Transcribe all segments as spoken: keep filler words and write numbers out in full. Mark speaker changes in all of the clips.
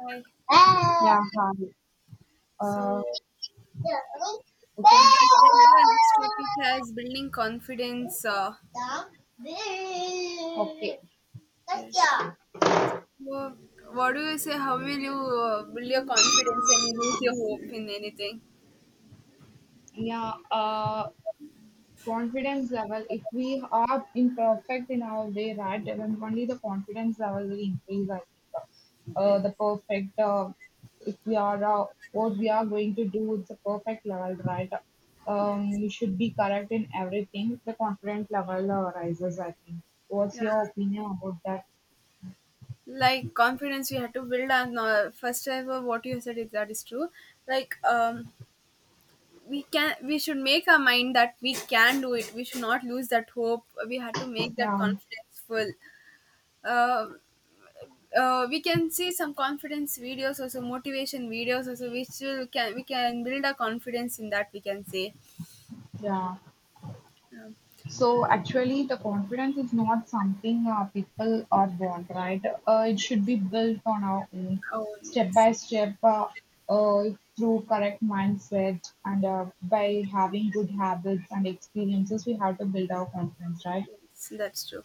Speaker 1: Hi.
Speaker 2: Ya hari,
Speaker 1: So
Speaker 2: eee,
Speaker 1: we can take the next topic as building confidence. Uh,
Speaker 2: bukan Kopi.
Speaker 1: yes. Well, what do you say? How will you uh, build your confidence and you lose your hope in anything?
Speaker 2: Ya, eee Confidence level, if we are imperfect in our way, right, then only the confidence level will increase, I think.
Speaker 1: Yes.
Speaker 2: Uh, the perfect, uh, if we are, uh, what we are going to do, it's a perfect level, right? Um,
Speaker 1: Yes.
Speaker 2: you should be correct in everything. The confidence level uh, rises, I think. What's
Speaker 1: Yeah.
Speaker 2: your opinion about that?
Speaker 1: Like confidence, we have to build. And uh, first ever, what you said is that is true. Like um, we can, we should make our mind that we can do it. We should not lose that hope. We have to make that
Speaker 2: Yeah,
Speaker 1: confidence full. Um uh, we can see some confidence videos, also motivation videos, also which will can we can build our confidence in that we can say,
Speaker 2: yeah.
Speaker 1: um,
Speaker 2: So actually, the confidence is not something uh, people are born, right? Uh, it should be built on our own,
Speaker 1: oh
Speaker 2: step
Speaker 1: yes,
Speaker 2: by step, uh, uh, through correct mindset and uh, by having good habits and experiences, we have to build our confidence, right?
Speaker 1: yes that's true.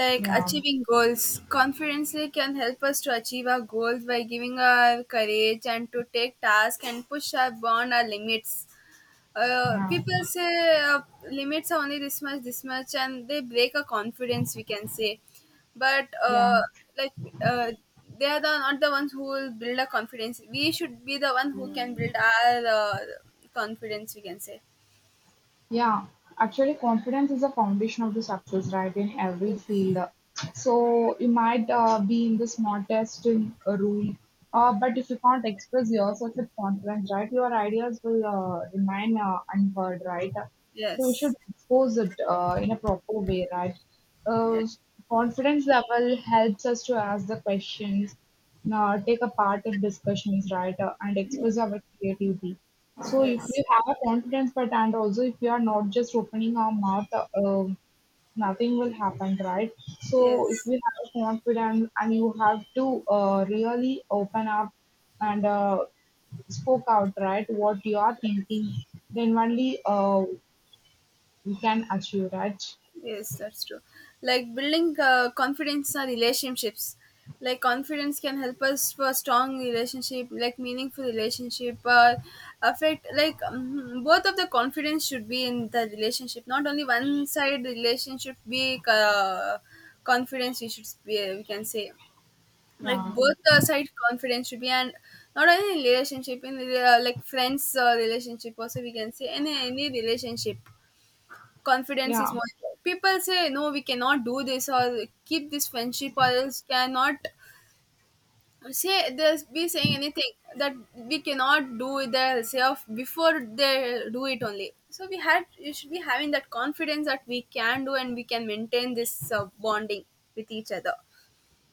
Speaker 1: Like
Speaker 2: Yeah,
Speaker 1: achieving goals, confidence like can help us to achieve our goals by giving our courage and to take tasks and push our beyond our limits. Uh,
Speaker 2: yeah,
Speaker 1: people say uh, limits are only this much, this much, and they break a confidence, we can say. But
Speaker 2: yeah.
Speaker 1: uh, like uh, they are the, not the ones who will build a confidence. We should be the one who can build our uh, confidence, we can say.
Speaker 2: Yeah, actually, confidence is the foundation of the success, right, in every field. So you might uh, be in the smartest in a room, uh, but if you can't express yourself with confidence, right, your ideas will uh, remain uh, unheard, right? So you should
Speaker 1: Yes.
Speaker 2: expose it uh, in a proper way, right?
Speaker 1: Yes,
Speaker 2: Uh, Confidence level helps us to ask the questions, uh, take a part in discussions, right, uh, and express our creativity.
Speaker 1: yes,
Speaker 2: So if
Speaker 1: yes,
Speaker 2: we have a confidence, but and also if we are not just opening our mouth, uh, um, nothing will happen, right? So if
Speaker 1: yes.
Speaker 2: we have a confidence and you have to uh, really open up and uh, spoke out, right? What you are thinking, then only uh, you can achieve, right?
Speaker 1: Yes, that's true. Like building uh, confidence in our relationships. Like confidence can help us for strong relationship, like meaningful relationship, or affect like, um, both of the confidence should be in the relationship. Not only one side relationship be uh, confidence. We should be, we can say, like
Speaker 2: Yeah,
Speaker 1: both the side confidence should be. And not only in relationship, in uh, like friends uh, relationship also, we can say, any any relationship confidence is
Speaker 2: yeah.
Speaker 1: more. People say no we cannot do this or keep this friendship or else cannot say there's be saying anything that we cannot do it themselves before they do it only, so we had you should be having that confidence that we can do and we can maintain this uh, bonding with each other.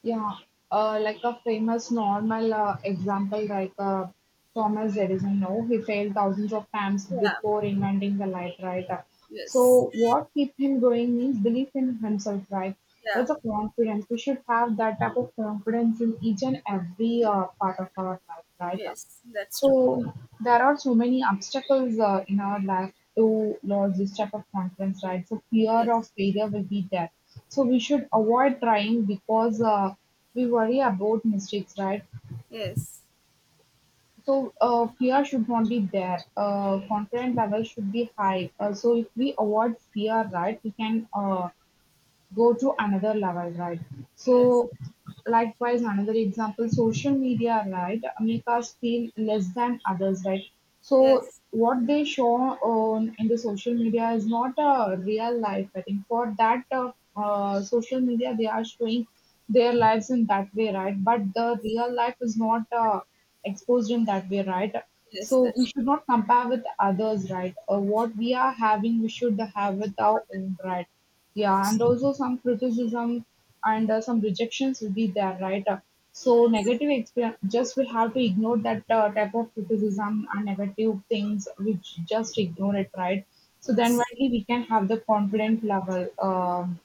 Speaker 2: Yeah, uh, like a famous normal uh, example, like uh, Thomas Edison. No, he failed thousands of times
Speaker 1: Yeah.
Speaker 2: before inventing the light, right? Uh,
Speaker 1: Yes.
Speaker 2: So, what keep him going means belief in himself, right?
Speaker 1: Yeah.
Speaker 2: That's a confidence. We should have that type of confidence in each and every uh, part of our life, right?
Speaker 1: Yes, that's true.
Speaker 2: So there are so many obstacles uh, in our life to lodge this type of conference, right? So fear
Speaker 1: Yes,
Speaker 2: of failure will be there. So we should avoid trying because uh, we worry about mistakes, right?
Speaker 1: yes,
Speaker 2: So uh, fear should not be there. Uh, confidence level should be high. Uh, so if we avoid fear, right, we can uh, go to another level, right?
Speaker 1: yes,
Speaker 2: So, likewise, another example, social media, right, make us feel less than others, right? So,
Speaker 1: yes,
Speaker 2: what they show on in the social media is not a real life. I think for that uh, uh, social media, they are showing their lives in that way, right? But the real life is not uh, exposed in that way, right?
Speaker 1: yes,
Speaker 2: So we
Speaker 1: that's true.
Speaker 2: should not compare with others, right? Uh, what we are having, we should have with our own, right? Yeah,
Speaker 1: Yes,
Speaker 2: and also some criticism and uh, some rejections will be there, right? Uh, so
Speaker 1: yes,
Speaker 2: negative experience, just we have to ignore that uh, type of criticism and negative things, which just ignore it, right? So then
Speaker 1: yes,
Speaker 2: only we can have the confident level. um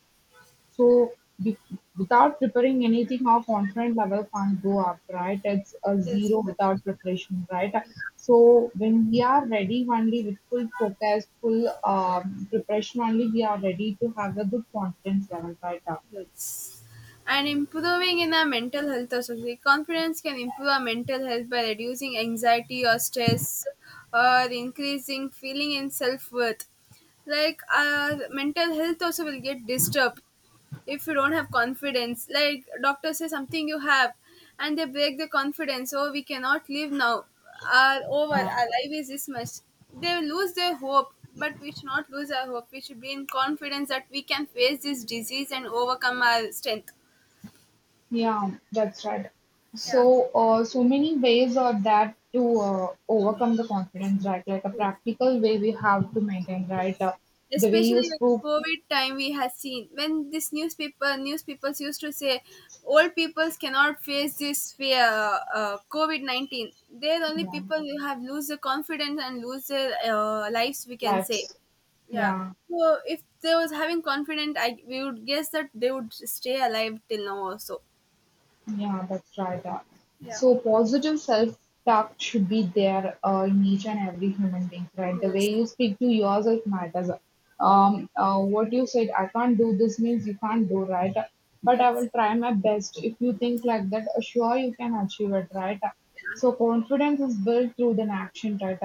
Speaker 2: so be, without preparing anything, our confidence level can't go up, right? It's a
Speaker 1: yes,
Speaker 2: zero
Speaker 1: that's.
Speaker 2: without preparation, right? So when we are ready only with full focus, full um, preparation only, we are ready to have a good confidence level, right?
Speaker 1: Yes. And improving in our mental health also. The confidence can improve our mental health by reducing anxiety or stress or increasing feeling in self worth. Like our mental health also will get disturbed if you don't have confidence. Like doctor says something you have and they break the confidence, oh we cannot live now, our over
Speaker 2: Uh,
Speaker 1: our life is this much. They will lose their hope but we should not lose our hope. We should be in confidence that we can face this disease and overcome our strength.
Speaker 2: yeah, that's right.
Speaker 1: Yeah.
Speaker 2: So, uh, so many ways are that to uh, overcome the confidence, right? Like a practical way we have to maintain, right?
Speaker 1: Yes.
Speaker 2: Uh, the way you
Speaker 1: Especially when
Speaker 2: spoke,
Speaker 1: COVID time we have seen, when this newspaper newspapers used to say old peoples cannot face this fear, uh, COVID nineteen. They're the only
Speaker 2: yeah,
Speaker 1: people who have lose their confidence and lose their uh, lives, we can say.
Speaker 2: lives,
Speaker 1: Yeah.
Speaker 2: yeah.
Speaker 1: So if they was having confidence, I we would guess that they would stay alive till now also.
Speaker 2: Yeah, that's right. Uh,
Speaker 1: Yeah.
Speaker 2: so positive self-talk should be there uh, in each and every human being, right? The way
Speaker 1: Yes.
Speaker 2: you speak to yourself matters. Um, uh, what you said, I can't do this means you can't do, right? But I
Speaker 1: Yes.
Speaker 2: will try my best. If you think like that, uh, sure you can achieve it, right? So confidence is built through an action, right?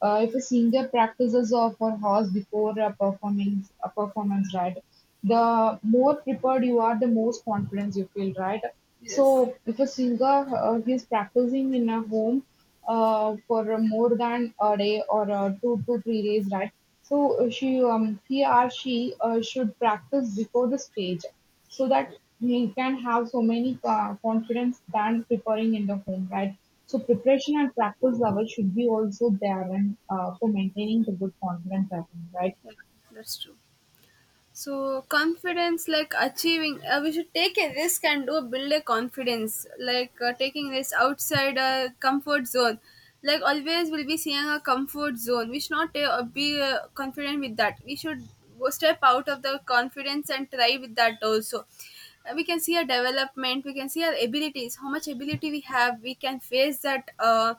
Speaker 2: Uh, if a singer practices of her horse before a performance, a performance, right? The more prepared you are, the most confidence you feel, right?
Speaker 1: Yes.
Speaker 2: So if a singer uh, he's practicing in a home uh, for more than a day or uh, two to three days, right? So uh, she um, he or she uh, should practice before the stage so that we can have so many uh, confidence than preparing in the home, right? So preparation and practice level should be also there and uh, for maintaining the good confidence, I think, right?
Speaker 1: Yeah. That's true. So confidence, like achieving, uh, we should take a risk and do build a confidence, like uh, taking risk outside a comfort zone. Like always, we'll be seeing a comfort zone. We should not uh, be uh, confident with that. We should go step out of the confidence and try with that also. Uh, We can see our development. We can see our abilities. How much ability we have. We can face that uh,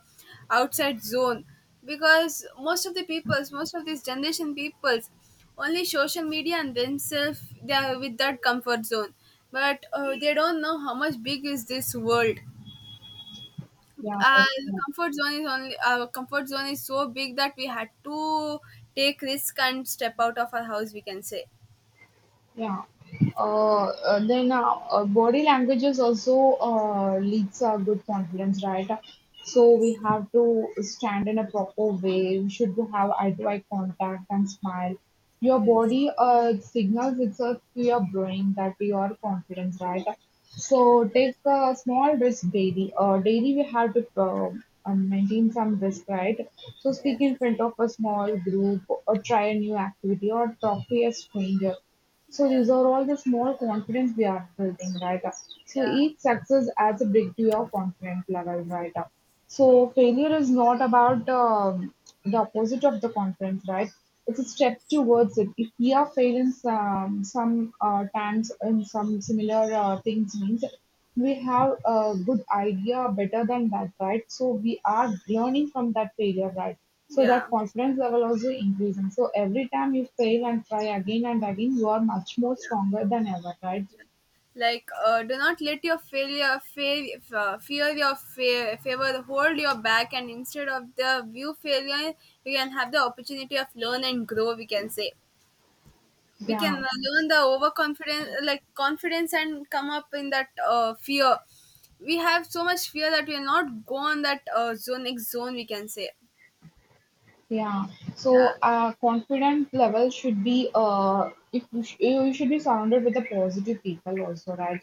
Speaker 1: outside zone because most of the peoples, most of these generation peoples only social media and themselves, they are with that comfort zone. But uh, they don't know how much big is this world.
Speaker 2: Yeah,
Speaker 1: Our
Speaker 2: that's-
Speaker 1: comfort zone is only, our comfort zone is so big that we had to take risk and step out of our house, we can say.
Speaker 2: Yeah. Uh, uh, then uh, uh, body languages also uh, leads a good confidence, right? So
Speaker 1: Yes.
Speaker 2: we have to stand in a proper way. We should have eye-to-eye contact and smile. Your
Speaker 1: Yes.
Speaker 2: body uh, signals itself to your brain that you are confident, right?
Speaker 1: Yes.
Speaker 2: So take a small risk daily. Uh, daily we have to uh, uh, maintain some risk, right? So speak
Speaker 1: Yes.
Speaker 2: in front of a small group or try a new activity or talk to a stranger, so
Speaker 1: Yeah.
Speaker 2: these are all the small confidence we are building, right? So
Speaker 1: Yeah.
Speaker 2: each success adds a big to your confidence level, right? So failure is not about um, the opposite of the confidence, right? It's a step
Speaker 1: Yes.
Speaker 2: towards it. If we are failing some some uh, times in some similar uh, things, means we have a good idea better than that, right? So we are learning from that failure, right? So that
Speaker 1: Yeah.
Speaker 2: confidence level also increasing. So every time you fail and try again and again, you are much more stronger than ever, right?
Speaker 1: Like uh, do not let your failure fail uh, fear your fa- favor hold your back, and instead of the view failure we can have the opportunity of learn and grow, we can say. We can
Speaker 2: Yeah.
Speaker 1: uh, learn the overconfidence, like confidence, and come up in that uh, fear. We have so much fear that we will not go on that uh, zone, next zone, we can say.
Speaker 2: Yeah. So
Speaker 1: Yeah.
Speaker 2: our confident level should be uh if you, sh- you should be surrounded with the positive people also, right?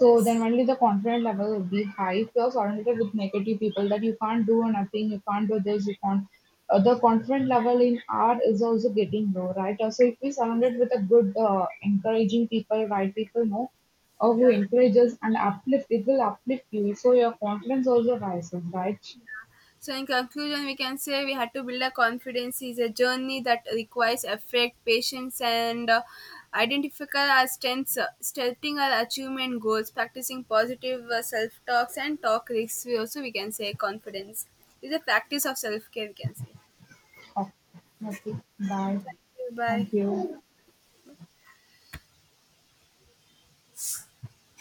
Speaker 2: So then only the confident level will be high. If you are surrounded with negative people that you can't do nothing, you can't do this, you can't. Uh, the confident level in art is also getting low, right? Uh, So if we surrounded with a good, uh, encouraging people, right people, know, or who
Speaker 1: Yeah.
Speaker 2: encourages and uplift, it will uplift you. So your confidence also rises, right?
Speaker 1: So, in conclusion, we can say we had to build a confidence is a journey that requires effort, patience, and uh, identifying our strengths, uh, setting our achievement goals, practicing positive uh, self talks, and talk risks. We also we can say confidence is a practice of self care. We can say.
Speaker 2: Ok, noted. Bye.
Speaker 1: Bye.
Speaker 2: Thank you.